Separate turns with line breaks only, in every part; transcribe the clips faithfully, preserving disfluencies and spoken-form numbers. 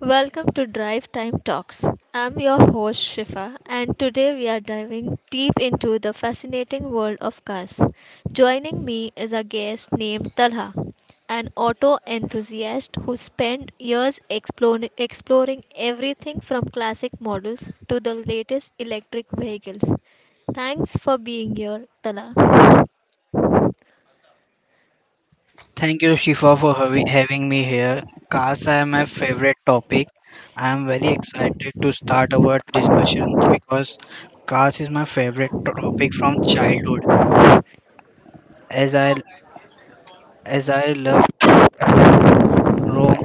Welcome to Drive Time Talks. I'm your host Shifa, and today we are diving deep into the fascinating world of cars. Joining me is a guest named Talha, an auto enthusiast who spent years exploring, exploring everything from classic models to the latest electric vehicles. Thanks for being here, Talha.
Thank you, Shifa, for havi- having me here. Cars are my favorite topic. I am very excited to start our discussion because cars is my favorite to- topic from childhood. As I as I love to roam.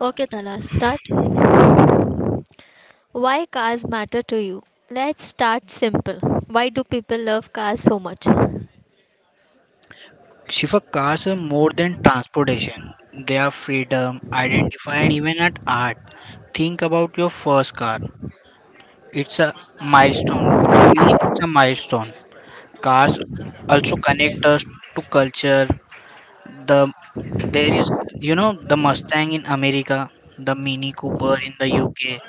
Okay, Talha, start. Why cars matter to you? Let's start simple. Why do people love cars so much?
Shifa, cars are more than transportation. They are freedom, identify, and even an art. Think about your first car. It's a milestone. For me, it's a milestone. Cars also connect us to culture. The There is, you know, the Mustang in America, the Mini Cooper in the U K,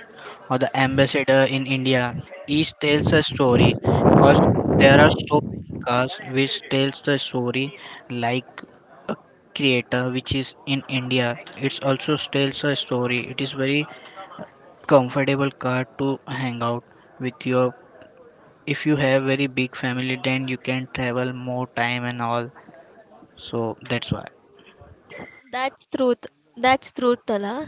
or the Ambassador in India. Each tells a story because there are so many cars which tells a story, like Creator which is in India. It's also tells a story. It is very comfortable car to hang out with your, if you have very big family then you can travel more time and all, so that's why.
That's truth. That's truth, Tala.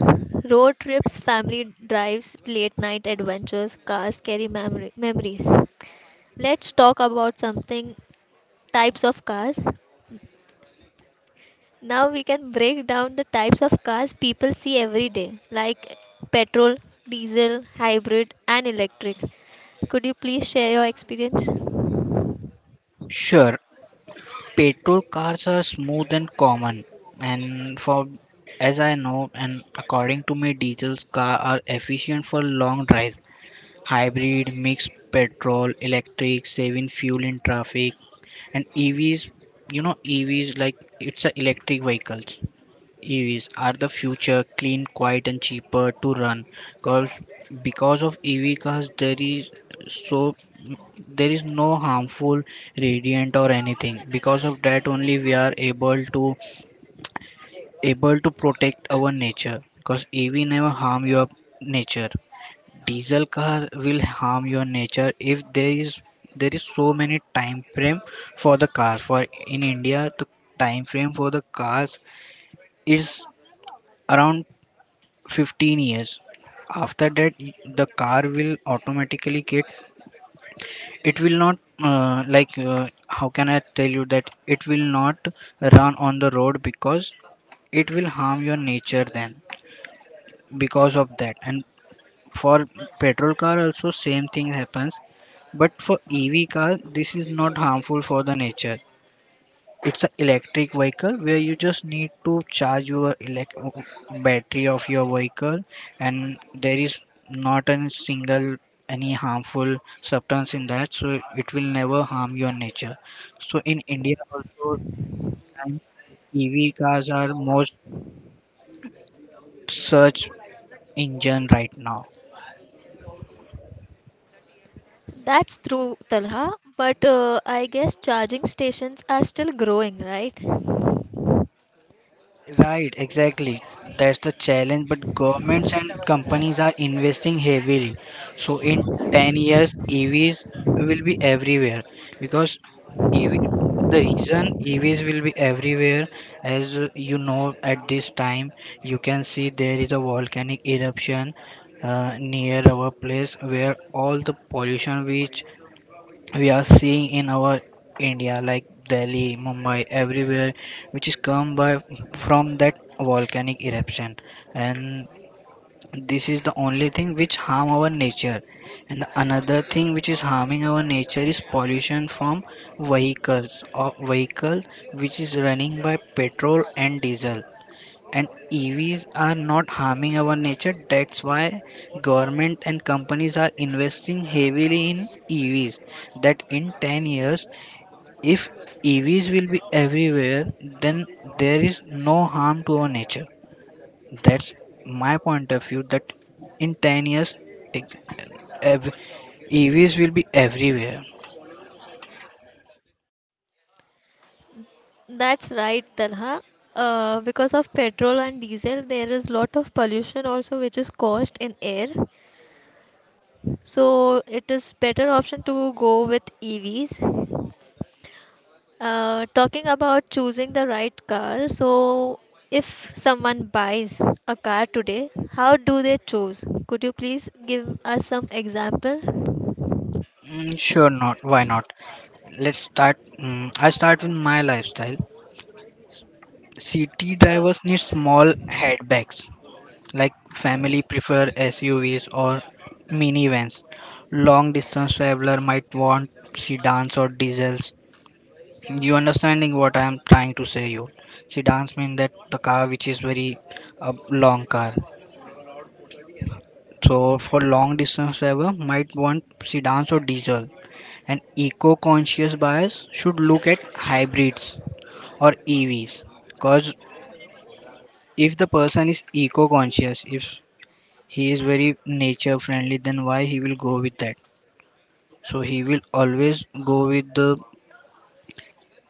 Road trips, family drives, late night adventures, cars carry memory, memories. Let's talk about something types of cars. Now we can break down the types of cars people see every day, like petrol, diesel, hybrid, and electric. Could you please share your experience?
Sure, petrol cars are smooth and common, and for as I know, and according to me, diesel car are efficient for long drives. Hybrid, mixed petrol, electric, saving fuel in traffic, and E Vs. You know, E Vs like it's a electric vehicles. E Vs are the future, clean, quiet, and cheaper to run. Because, because of E V cars, there is so there is no harmful radiant or anything. Because of that, only we are able to able to protect our nature. Because E V never harm your nature. Diesel car will harm your nature if there is there is so many time frame for the cars. For in India, the time frame for the cars is around fifteen years. After that, y- the car will automatically get, it will not, uh, like uh, how can I tell you that it will not run on the road because it will harm your nature. Then because of that, and for petrol car also same thing happens, but for EV car this is not harmful for the nature. It's an electric vehicle where you just need to charge your elect battery of your vehicle, and there is not a single any harmful substance in that, so it will never harm your nature. So in India also, um, EV cars are most search engine right now.
That's true, Talha. But uh, I guess charging stations are still growing, right?
Right, exactly. That's the challenge. But governments and companies are investing heavily. So in ten years, E Vs will be everywhere because E V the reason E Vs will be everywhere, as uh, you know, at this time, you can see there is a volcanic eruption uh, near our place, where all the pollution which we are seeing in our India, like Delhi, Mumbai, everywhere, which is come by from that volcanic eruption. And this is the only thing which harm our nature, and another thing which is harming our nature is pollution from vehicles or vehicle which is running by petrol and diesel. And EVs are not harming our nature, that's why government and companies are investing heavily in EVs, that in ten years, if EVs will be everywhere, then there is no harm to our nature. That's my point of view, that in ten years, ex- ev- EVs will be everywhere.
That's right, Talha. Uh, because of petrol and diesel, there is lot of pollution also, which is caused in air. So it is better option to go with E Vs. Uh, talking about choosing the right car, so if someone buys a car today, how do they choose? Could you please give us some example?
Mm, sure, not why not, let's start. mm, I start with my lifestyle. City
Sure.
drivers need small headbags, like family prefer S U Vs or minivans. Long distance traveler might want sedans or diesels. You understanding what I am trying to say you? Sedans mean that the car which is very uh, long car. So for long distance traveler might want sedans or diesel. An eco-conscious buyers should look at hybrids or E Vs, because if the person is eco-conscious, if he is very nature friendly, then why he will go with that, so he will always go with the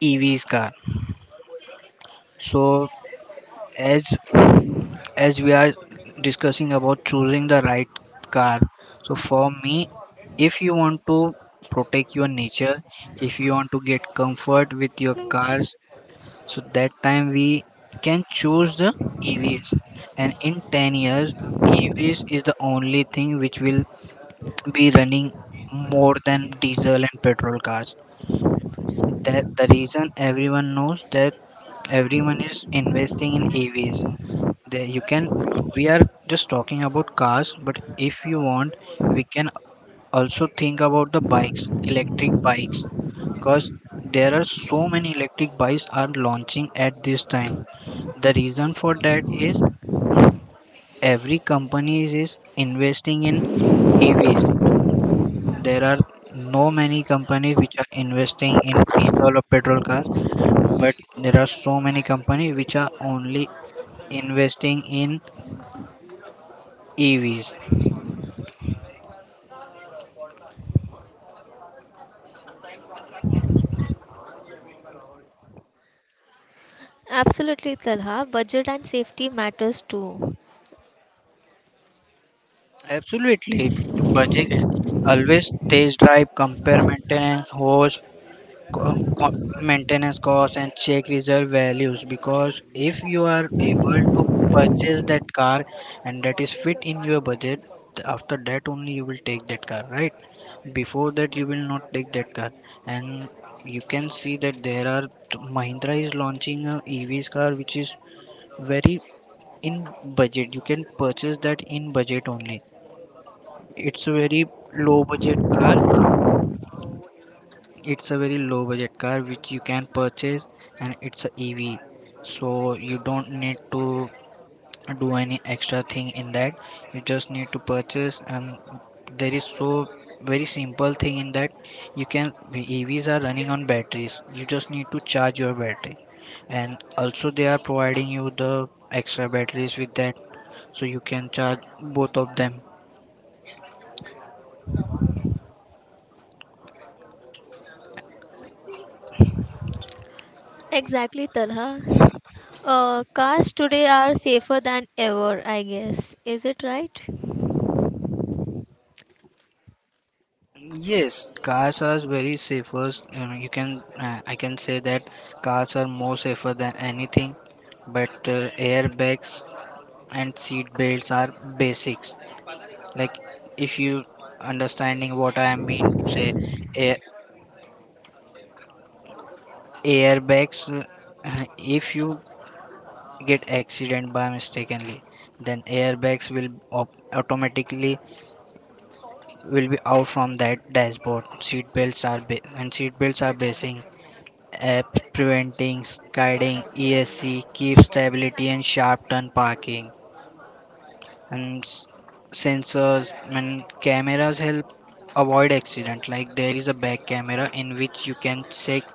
EV's car. So as as we are discussing about choosing the right car, so for me, if you want to protect your nature, if you want to get comfort with your cars, so that time we can choose the EVs. And in ten years, EVs is the only thing which will be running more than diesel and petrol cars. That the reason everyone knows that, everyone is investing in AVs. There you can, we are just talking about cars, but if you want, we can also think about the bikes, electric bikes, because there are so many electric bikes are launching at this time. The reason for that is every company is investing in EVs. There are no many companies which are investing in diesel or petrol cars, but there are so many companies which are only investing in E Vs.
Absolutely, Talha. Budget and safety matters too.
Absolutely. Budget, always test drive, compare maintenance, host, co- co- maintenance costs, and check reserve values. Because if you are able to purchase that car, and that is fit in your budget, th- after that only you will take that car, right? Before that, you will not take that car. And you can see that there are Mahindra is launching a E Vs car which is very in budget. You can purchase that in budget only. It's a very low budget car. It's a very low budget car which you can purchase, and it's a E V. So you don't need to do any extra thing in that. You just need to purchase, and there is so very simple thing in that. You can, E Vs are running on batteries. You just need to charge your battery, and also they are providing you the extra batteries with that, so you can charge both of them.
Exactly, Talha. Uh, cars today are safer than ever, I guess. Is it right?
Yes, cars are very safer. Um, you can uh, I can say that cars are more safer than anything, but uh, airbags and seat belts are basics. Like if you understanding what I mean to say, air, airbags. uh, If you get accident by mistakenly, then airbags will op- automatically will be out from that dashboard. Seat belts are ba- and seat belts are basic, apps preventing, guiding. E S C keeps stability and sharp turn parking, and s- sensors and cameras help avoid accident, like there is a back camera in which you can check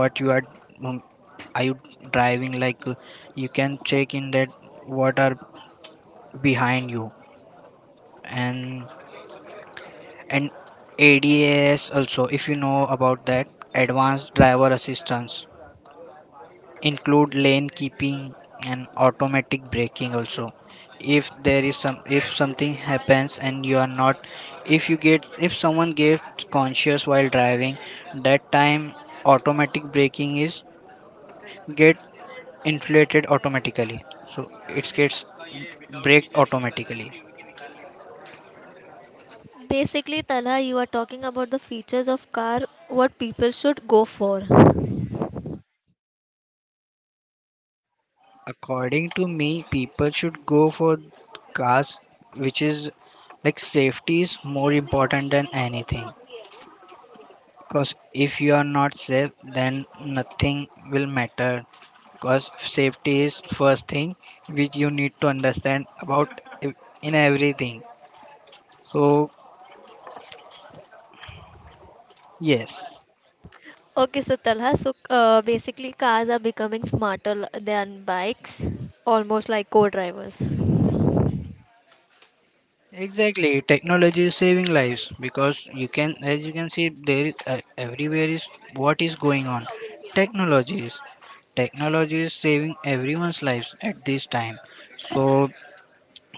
what you are, um, are you driving like uh, you can check in that what are behind you. And and ADAS also, if you know about that, advanced driver assistance, include lane keeping and automatic braking also. If there is some, if something happens and you are not, if you get, if someone gets conscious while driving, that time automatic braking is get inflated automatically, so it gets brake automatically.
Basically, Talha, you are talking about the features of car, what people should go for.
According to me, people should go for cars which is like, safety is more important than anything. Because if you are not safe, then nothing will matter. Because safety is first thing which you need to understand about ev- in everything. So yes,
Okay, so Talha, so uh, basically cars are becoming smarter l- than bikes, almost like co-drivers.
exactly. Technology is saving lives because you can, as you can see, there is, uh, everywhere is what is going on. Technologies, technology is saving everyone's lives at this time. So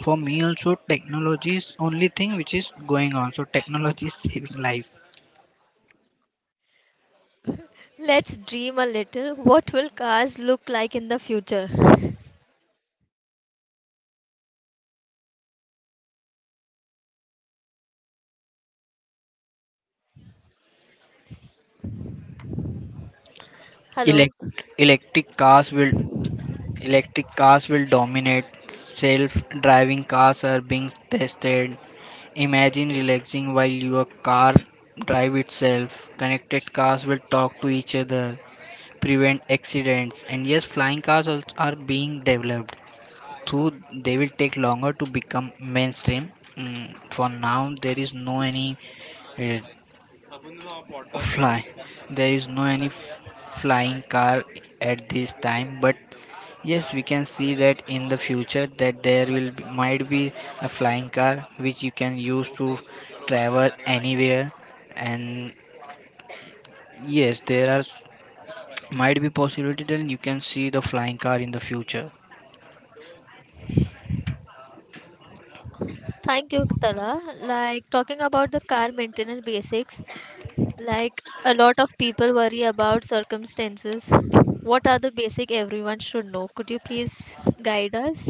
for me also, technology is only thing which is going on. So technology is saving lives.
Let's dream a little. What will cars look like in the future?
Elec-
Hello.
electric cars will electric cars will dominate. Self-driving cars are being tested. Imagine relaxing while your car drive itself. Connected cars will talk to each other, prevent accidents, and yes, flying cars also are being developed. Though they will take longer to become mainstream. Mm, for now, there is no any uh, fly. There is no any f- flying car at this time, but yes, we can see that in the future that there will be, might be, a flying car which you can use to travel anywhere. And yes, there are might be possibility that you can see the flying car in the future.
Thank you, Tala. Like talking about the car maintenance basics, like a lot of people worry about circumstances. What are the basic everyone should know? Could you please guide us?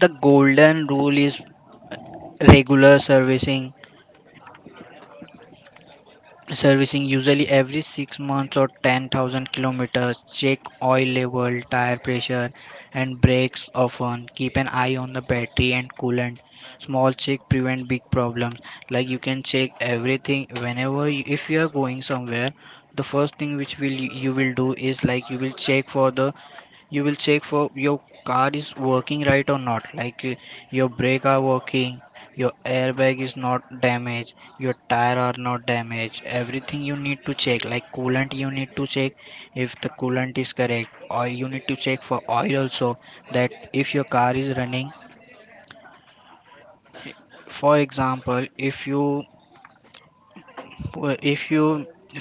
The golden rule is regular servicing servicing usually every six months or ten thousand kilometers. Check oil level, tire pressure, and brakes often. Keep an eye on the battery and coolant. Small check prevent big problems. Like you can check everything whenever you, if you are going somewhere, the first thing which will you will do is like, you will check for the you will check for your car is working right or not, like uh, your brake are working, your airbag is not damaged, your tire are not damaged, everything you need to check, like coolant you need to check if the coolant is correct, or you need to check for oil also, that if your car is running. For example, if you uh, if you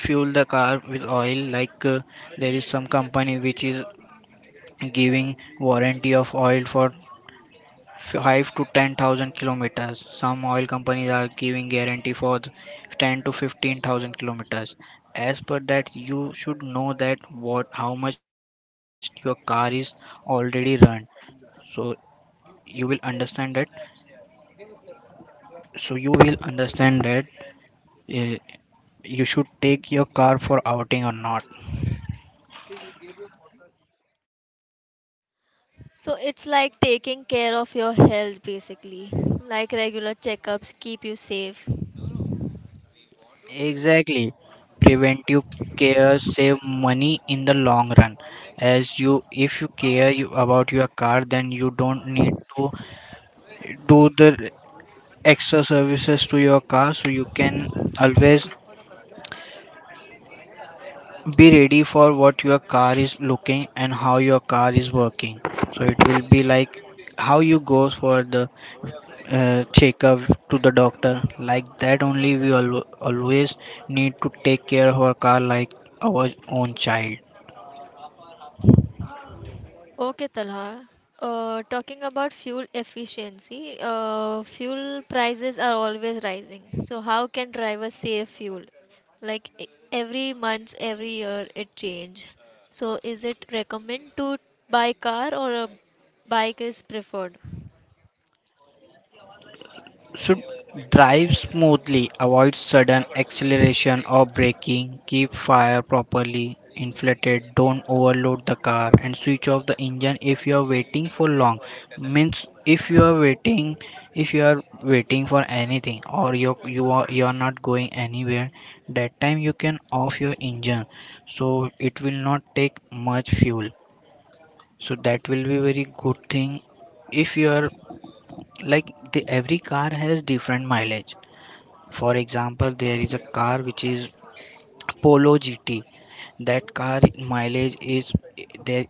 fuel the car with oil, like uh, there is some company which is giving warranty of oil for five to ten thousand kilometers. Some oil companies are giving guarantee for th- ten to fifteen thousand kilometers. As per that, you should know that what how much your car is already run. So you will understand that. So you will understand that uh, you should take your car for outing or not.
So it's like taking care of your health basically. Like regular checkups keep you safe.
Exactly. Preventive care save money in the long run. As you if you care you, about your car, then you don't need to do the extra services to your car, so you can always be ready for what your car is looking and how your car is working. So it will be like how you goes for the uh, checkup to the doctor. Like that only, we al- always need to take care of our car like our own child.
Okay, Talha. Uh, talking about fuel efficiency, uh, fuel prices are always rising. So how can drivers save fuel? Like e- every month every year it change, so is it recommend to buy car or a bike is preferred?
Should drive smoothly, avoid sudden acceleration or braking, keep fire properly inflated, don't overload the car, and switch off the engine if you are waiting for long. Means if you are waiting, if you are waiting for anything, or you you are you are not going anywhere, that time you can off your engine, so it will not take much fuel, so that will be very good thing. If you are, like, the every car has different mileage. For example, there is a car which is Polo G T. That car mileage is there.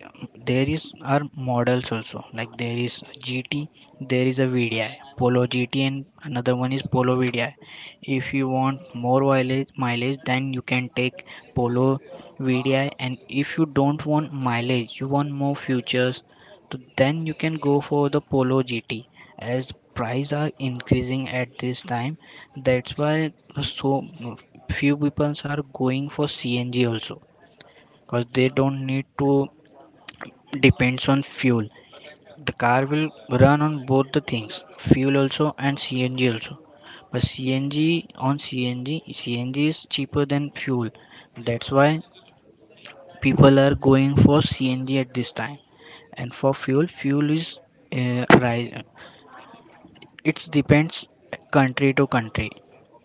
There is are models also like there is G T, there is a V D I, Polo GT, and another one is Polo V D I. If you want more mileage, mileage, then you can take Polo V D I, and if you don't want mileage, you want more features, so then you can go for the Polo G T. As price are increasing at this time, that's why, so, few people are going for C N G also, because they don't need to depends on fuel. The car will run on both the things, fuel also and CNG also. But CNG on CNG, CNG is cheaper than fuel. That's why people are going for C N G at this time. And for fuel, fuel is, uh, rise. It depends country to country.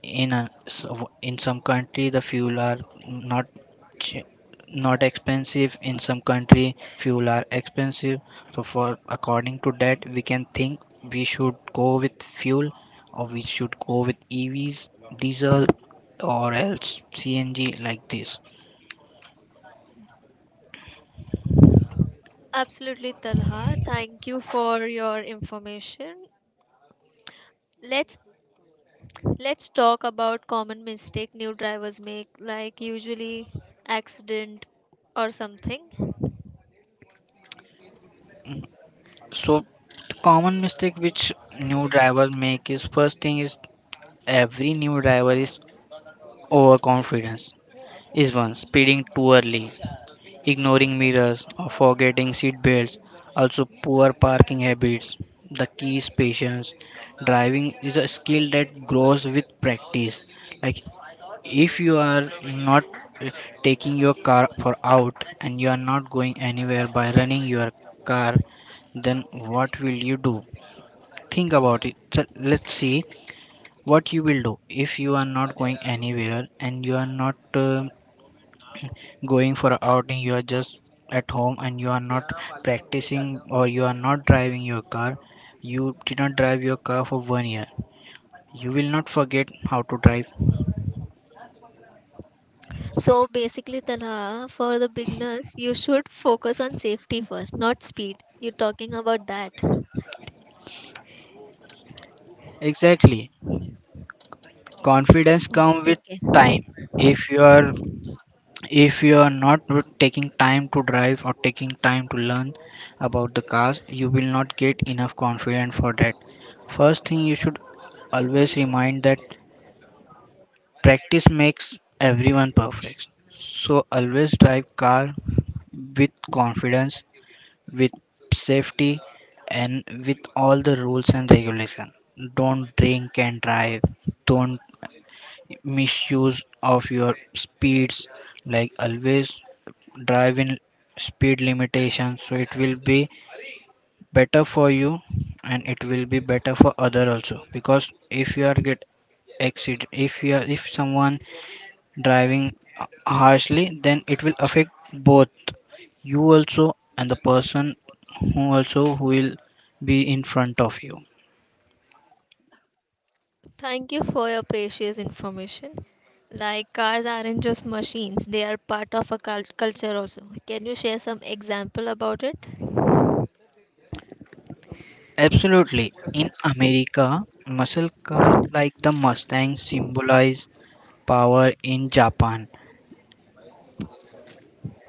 In a, s- w- in some country the fuel are not ch- not expensive. In some country fuel are expensive. So for according to that we can think we should go with fuel or we should go with E Vs, diesel, or else C N G, like this.
Absolutely, Talha, thank you for your information. let's let's talk about common mistake new drivers make, like usually accident or something.
So the common mistake which new driver make is, first thing is, every new driver is overconfidence, is one speeding too early, ignoring mirrors, or forgetting seat belts. Also, poor parking habits. The key is patience. Driving is a skill that grows with practice. Like if you are not uh, taking your car for out and you are not going anywhere by running your car, then what will you do? Think about it. So let's see what you will do if you are not going anywhere and you are not uh, going for a outing, you are just at home and you are not practicing or you are not driving your car, you did not drive your car for one year, you will not forget how to drive.
So basically, Talha, for the beginners you should focus on safety first not speed, you're talking about that.
Exactly. Confidence
Bye,
comes
take
with
care.
time. If you are if you are not taking time to drive or taking time to learn about the cars, you will not get enough confidence for that. First thing you should always remind that practice makes everyone perfect. So always drive car with confidence, with safety, and with all the rules and regulation. Don't drink and drive. Don't misuse of your speeds. Like, always drive in speed limitation, so it will be better for you and it will be better for other also. Because if you are get accident, if you are, if someone driving uh, harshly, then it will affect both you also and the person who also who will be in front of you.
Thank you for your precious information. Like cars aren't just machines, they are part of a cult- culture also. Can you share some example about it?
Absolutely, in America, muscle cars like the Mustang symbolize power. In japan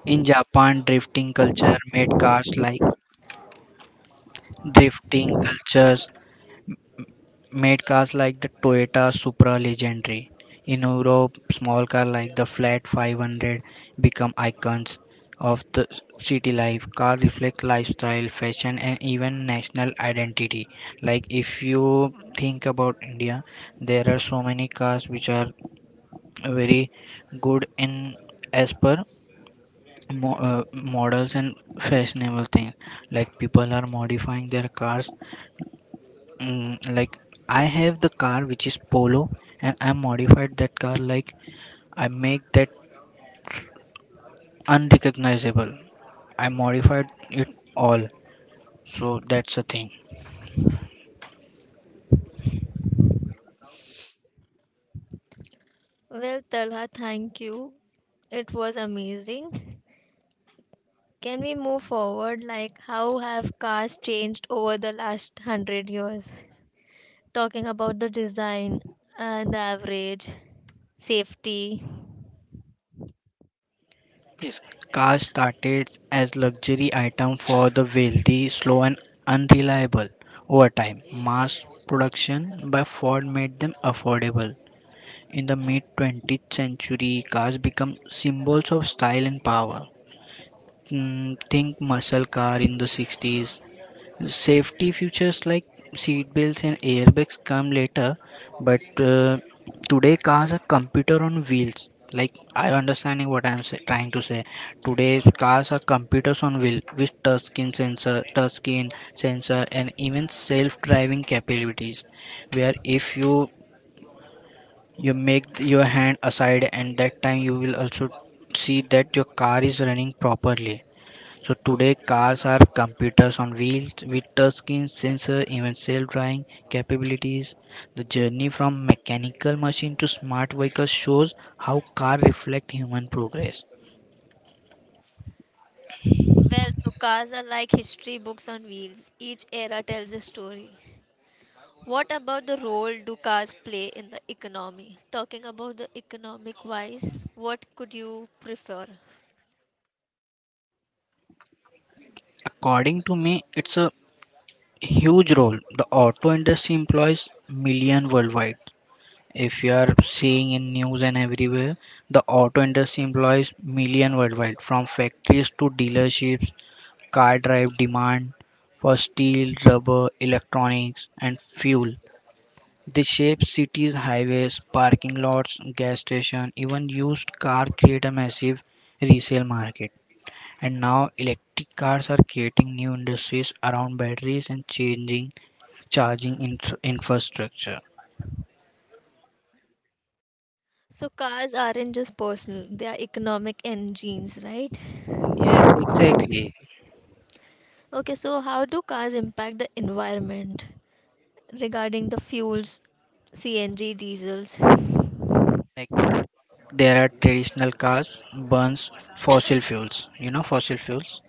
in japan drifting culture made cars like drifting cultures made cars like the Toyota Supra legendary. In Europe, small cars like the Fiat five hundred become icons of the city life. Cars reflect lifestyle, fashion, and even national identity. Like if you think about India, there are so many cars which are very good in as per mo- uh, models and fashionable things. Like people are modifying their cars. Mm, like, I have the car which is Polo, and I modified that car, like, I make that unrecognizable. I modified it all. So that's the thing.
Well, Talha, thank you. It was amazing. Can we move forward? Like, how have cars changed over the last hundred years? Talking about the design and the average, safety.
Yes, cars started as luxury item for the wealthy, slow and unreliable. Over time, mass production by Ford made them affordable. In the mid twentieth century, cars become symbols of style and power. Mm, think muscle car in the sixties. Safety features like seat belts and airbags come later, but uh, today cars are computer on wheels. Like, I understanding what I'm say, trying to say. Today's cars are computers on wheel with touchscreen sensor, touchscreen sensor, and even self-driving capabilities. Where if you you make th- your hand aside, and that time you will also see that your car is running properly. So today cars are computers on wheels with touchscreen, sensor, even self-driving capabilities. The journey from mechanical machine to smart vehicle shows how cars reflect human progress.
Well, so cars are like history books on wheels. Each era tells a story. What about the role do cars play in the economy? Talking about the economic wise, what could you prefer?
According to me, it's a huge role. The auto industry employs million worldwide. If you are seeing in news and everywhere, the auto industry employs million worldwide, from factories to dealerships. Car drive demand for steel, rubber, electronics, and fuel. They shape cities, highways, parking lots, gas stations. Even used car create a massive resale market. And now electric cars are creating new industries around batteries and changing charging infra- infrastructure.
So cars aren't just personal, they are economic engines, right?
Yes, exactly.
Okay, so how do cars impact the environment regarding the fuels, C N G, diesels?
Like, there are traditional cars burns fossil fuels, you know, fossil fuels.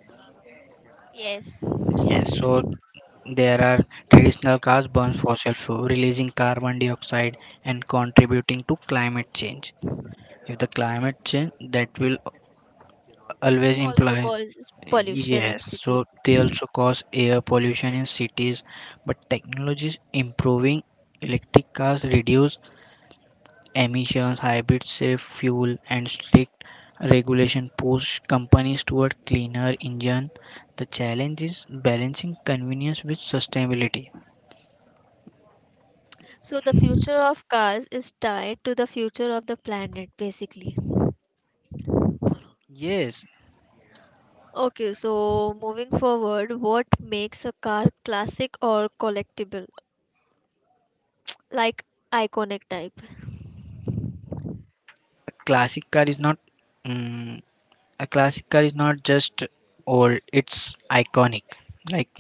Yes,
Yes, so, there are traditional cars burn fossil fuel, releasing carbon dioxide and contributing to climate change. If the climate change, that will always
also
imply.
causes pollution in
Yes,
cities.
so they also cause air pollution in cities, but technology is improving. Electric cars reduce emissions, hybrid save fuel, and strict regulation push companies toward cleaner engine. The challenge is balancing convenience with sustainability.
So the future of cars is tied to the future of the planet basically.
Yes,
Okay, so moving forward, what makes a car classic or collectible? Like iconic type.
a classic car is not, mm, a classic car is not just old, it's iconic. Like,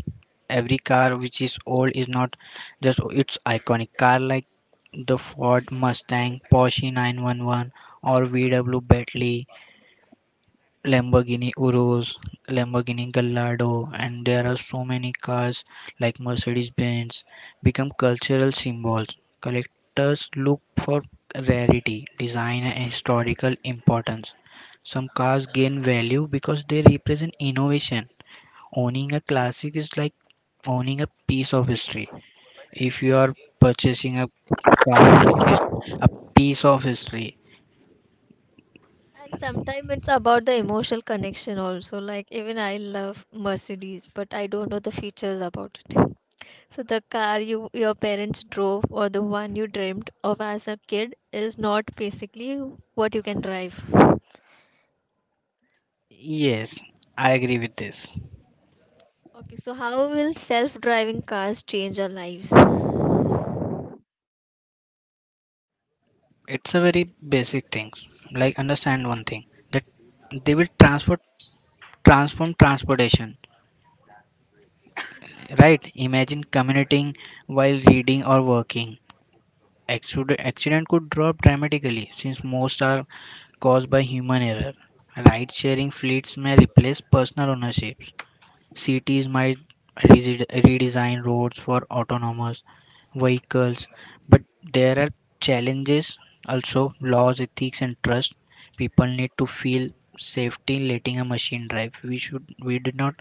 every car which is old is not just o- it's iconic car, like the Ford Mustang, Porsche nine one one, or VW, Bentley, Lamborghini Urus, Lamborghini Gallardo, and there are so many cars like Mercedes Benz become cultural symbols. Collectors look for rarity, design, and historical importance. Some cars gain value because they represent innovation. Owning a classic is like owning a piece of history. If you are purchasing a car which is a piece of history.
And sometimes it's about the emotional connection also. Like even I love Mercedes, but I don't know the features about it. So the car you your parents drove or the one you dreamt of as a kid is not basically what you can drive. Okay,
Yes, I agree with this.
so how will self-driving cars change our lives?
It's a very basic thing. Like, understand one thing, that they will transfer transform transportation. Right, imagine commuting while reading or working. Accident, accident could drop dramatically since most are caused by human error. Ride sharing fleets may replace personal ownership. Cities might resi- redesign roads for autonomous vehicles, but there are challenges also, laws, ethics, and trust. People need to feel safety in letting a machine drive. We should we did not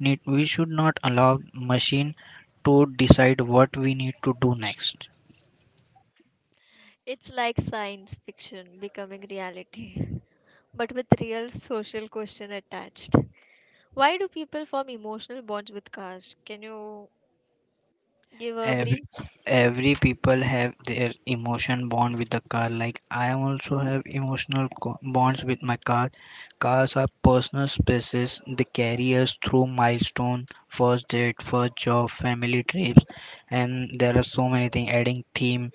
need we should not allow machine to decide what we need to do next.
It's like science fiction becoming reality, but with real social question attached. Why do people form emotional bonds with cars? Can you give a
every
brief?
every people have their emotion bond with the car. Like, I am also have emotional co- bonds with my car. Cars are personal spaces, they carry us through milestone, first date, first job, family trips, and there are so many things adding theme.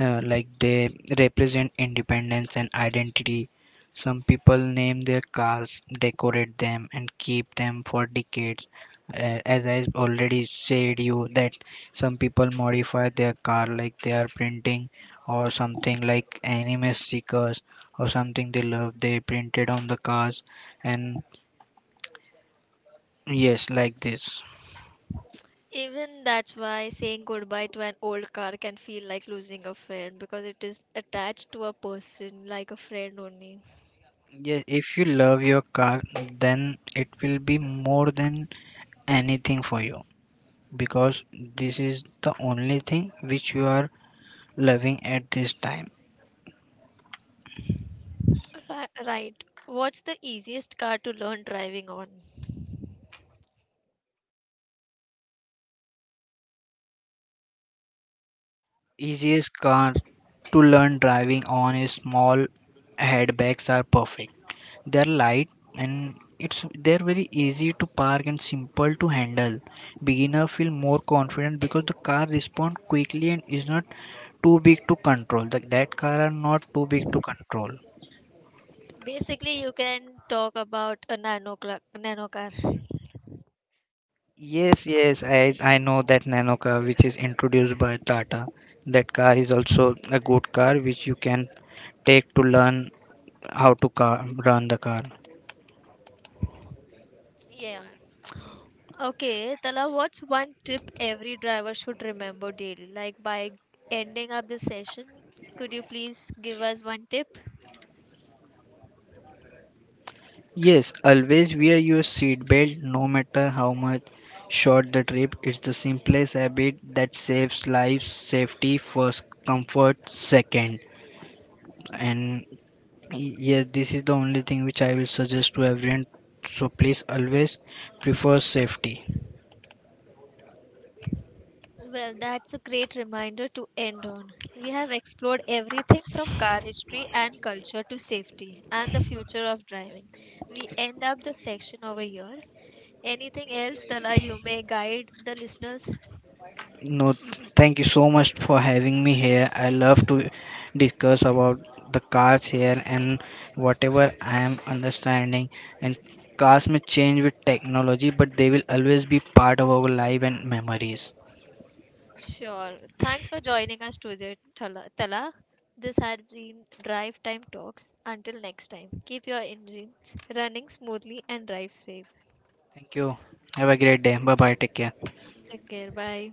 uh, Like, they represent independence and identity. Some people name their cars, decorate them, and keep them for decades. Uh, as I already said you that some people modify their car, like they are printing or something, like anime stickers or something they love, they printed on the cars. And, yes, like this.
Even that's why saying goodbye to an old car can feel like losing a friend because it is attached to a person like a friend only.
Yes, if you love your car, then it will be more than anything for you, because this is the only thing which you are loving at this time.
Ri- Right. What's the easiest car to learn driving on?
Easiest car to learn driving on is small hatchbacks are perfect. They're light, and it's they're very easy to park and simple to handle. Beginner feel more confident because the car respond quickly and is not too big to control. That, that car are not too big to control.
Basically, you can talk about a nano, cla- nano car.
Yes, yes, I I know that nano car which is introduced by Tata. That car is also a good car which you can take to learn how to car, run the car.
Yeah. Okay, Tala, what's one tip every driver should remember daily? Like by ending up this session, could you please give us one tip?
Yes, always wear your seat belt no matter how much short the trip. It's the simplest habit that saves lives. Safety first, comfort second. And y- yes, this is the only thing which I will suggest to everyone. So please always prefer safety.
Well, that's a great reminder to end on. We have explored everything from car history and culture to safety and the future of driving. We end up the section over here. Anything else, Tala, you may guide the listeners?
No, thank you so much for having me here. I love to discuss about the cars here and whatever I am understanding. And cars may change with technology, but they will always be part of our life and memories.
Sure. Thanks for joining us today, Tala. Tala. This had been Drive Time Talks. Until next time, keep your engines running smoothly and drive safe.
Thank you. Have a great day. Bye bye. Take care.
Take care. Bye.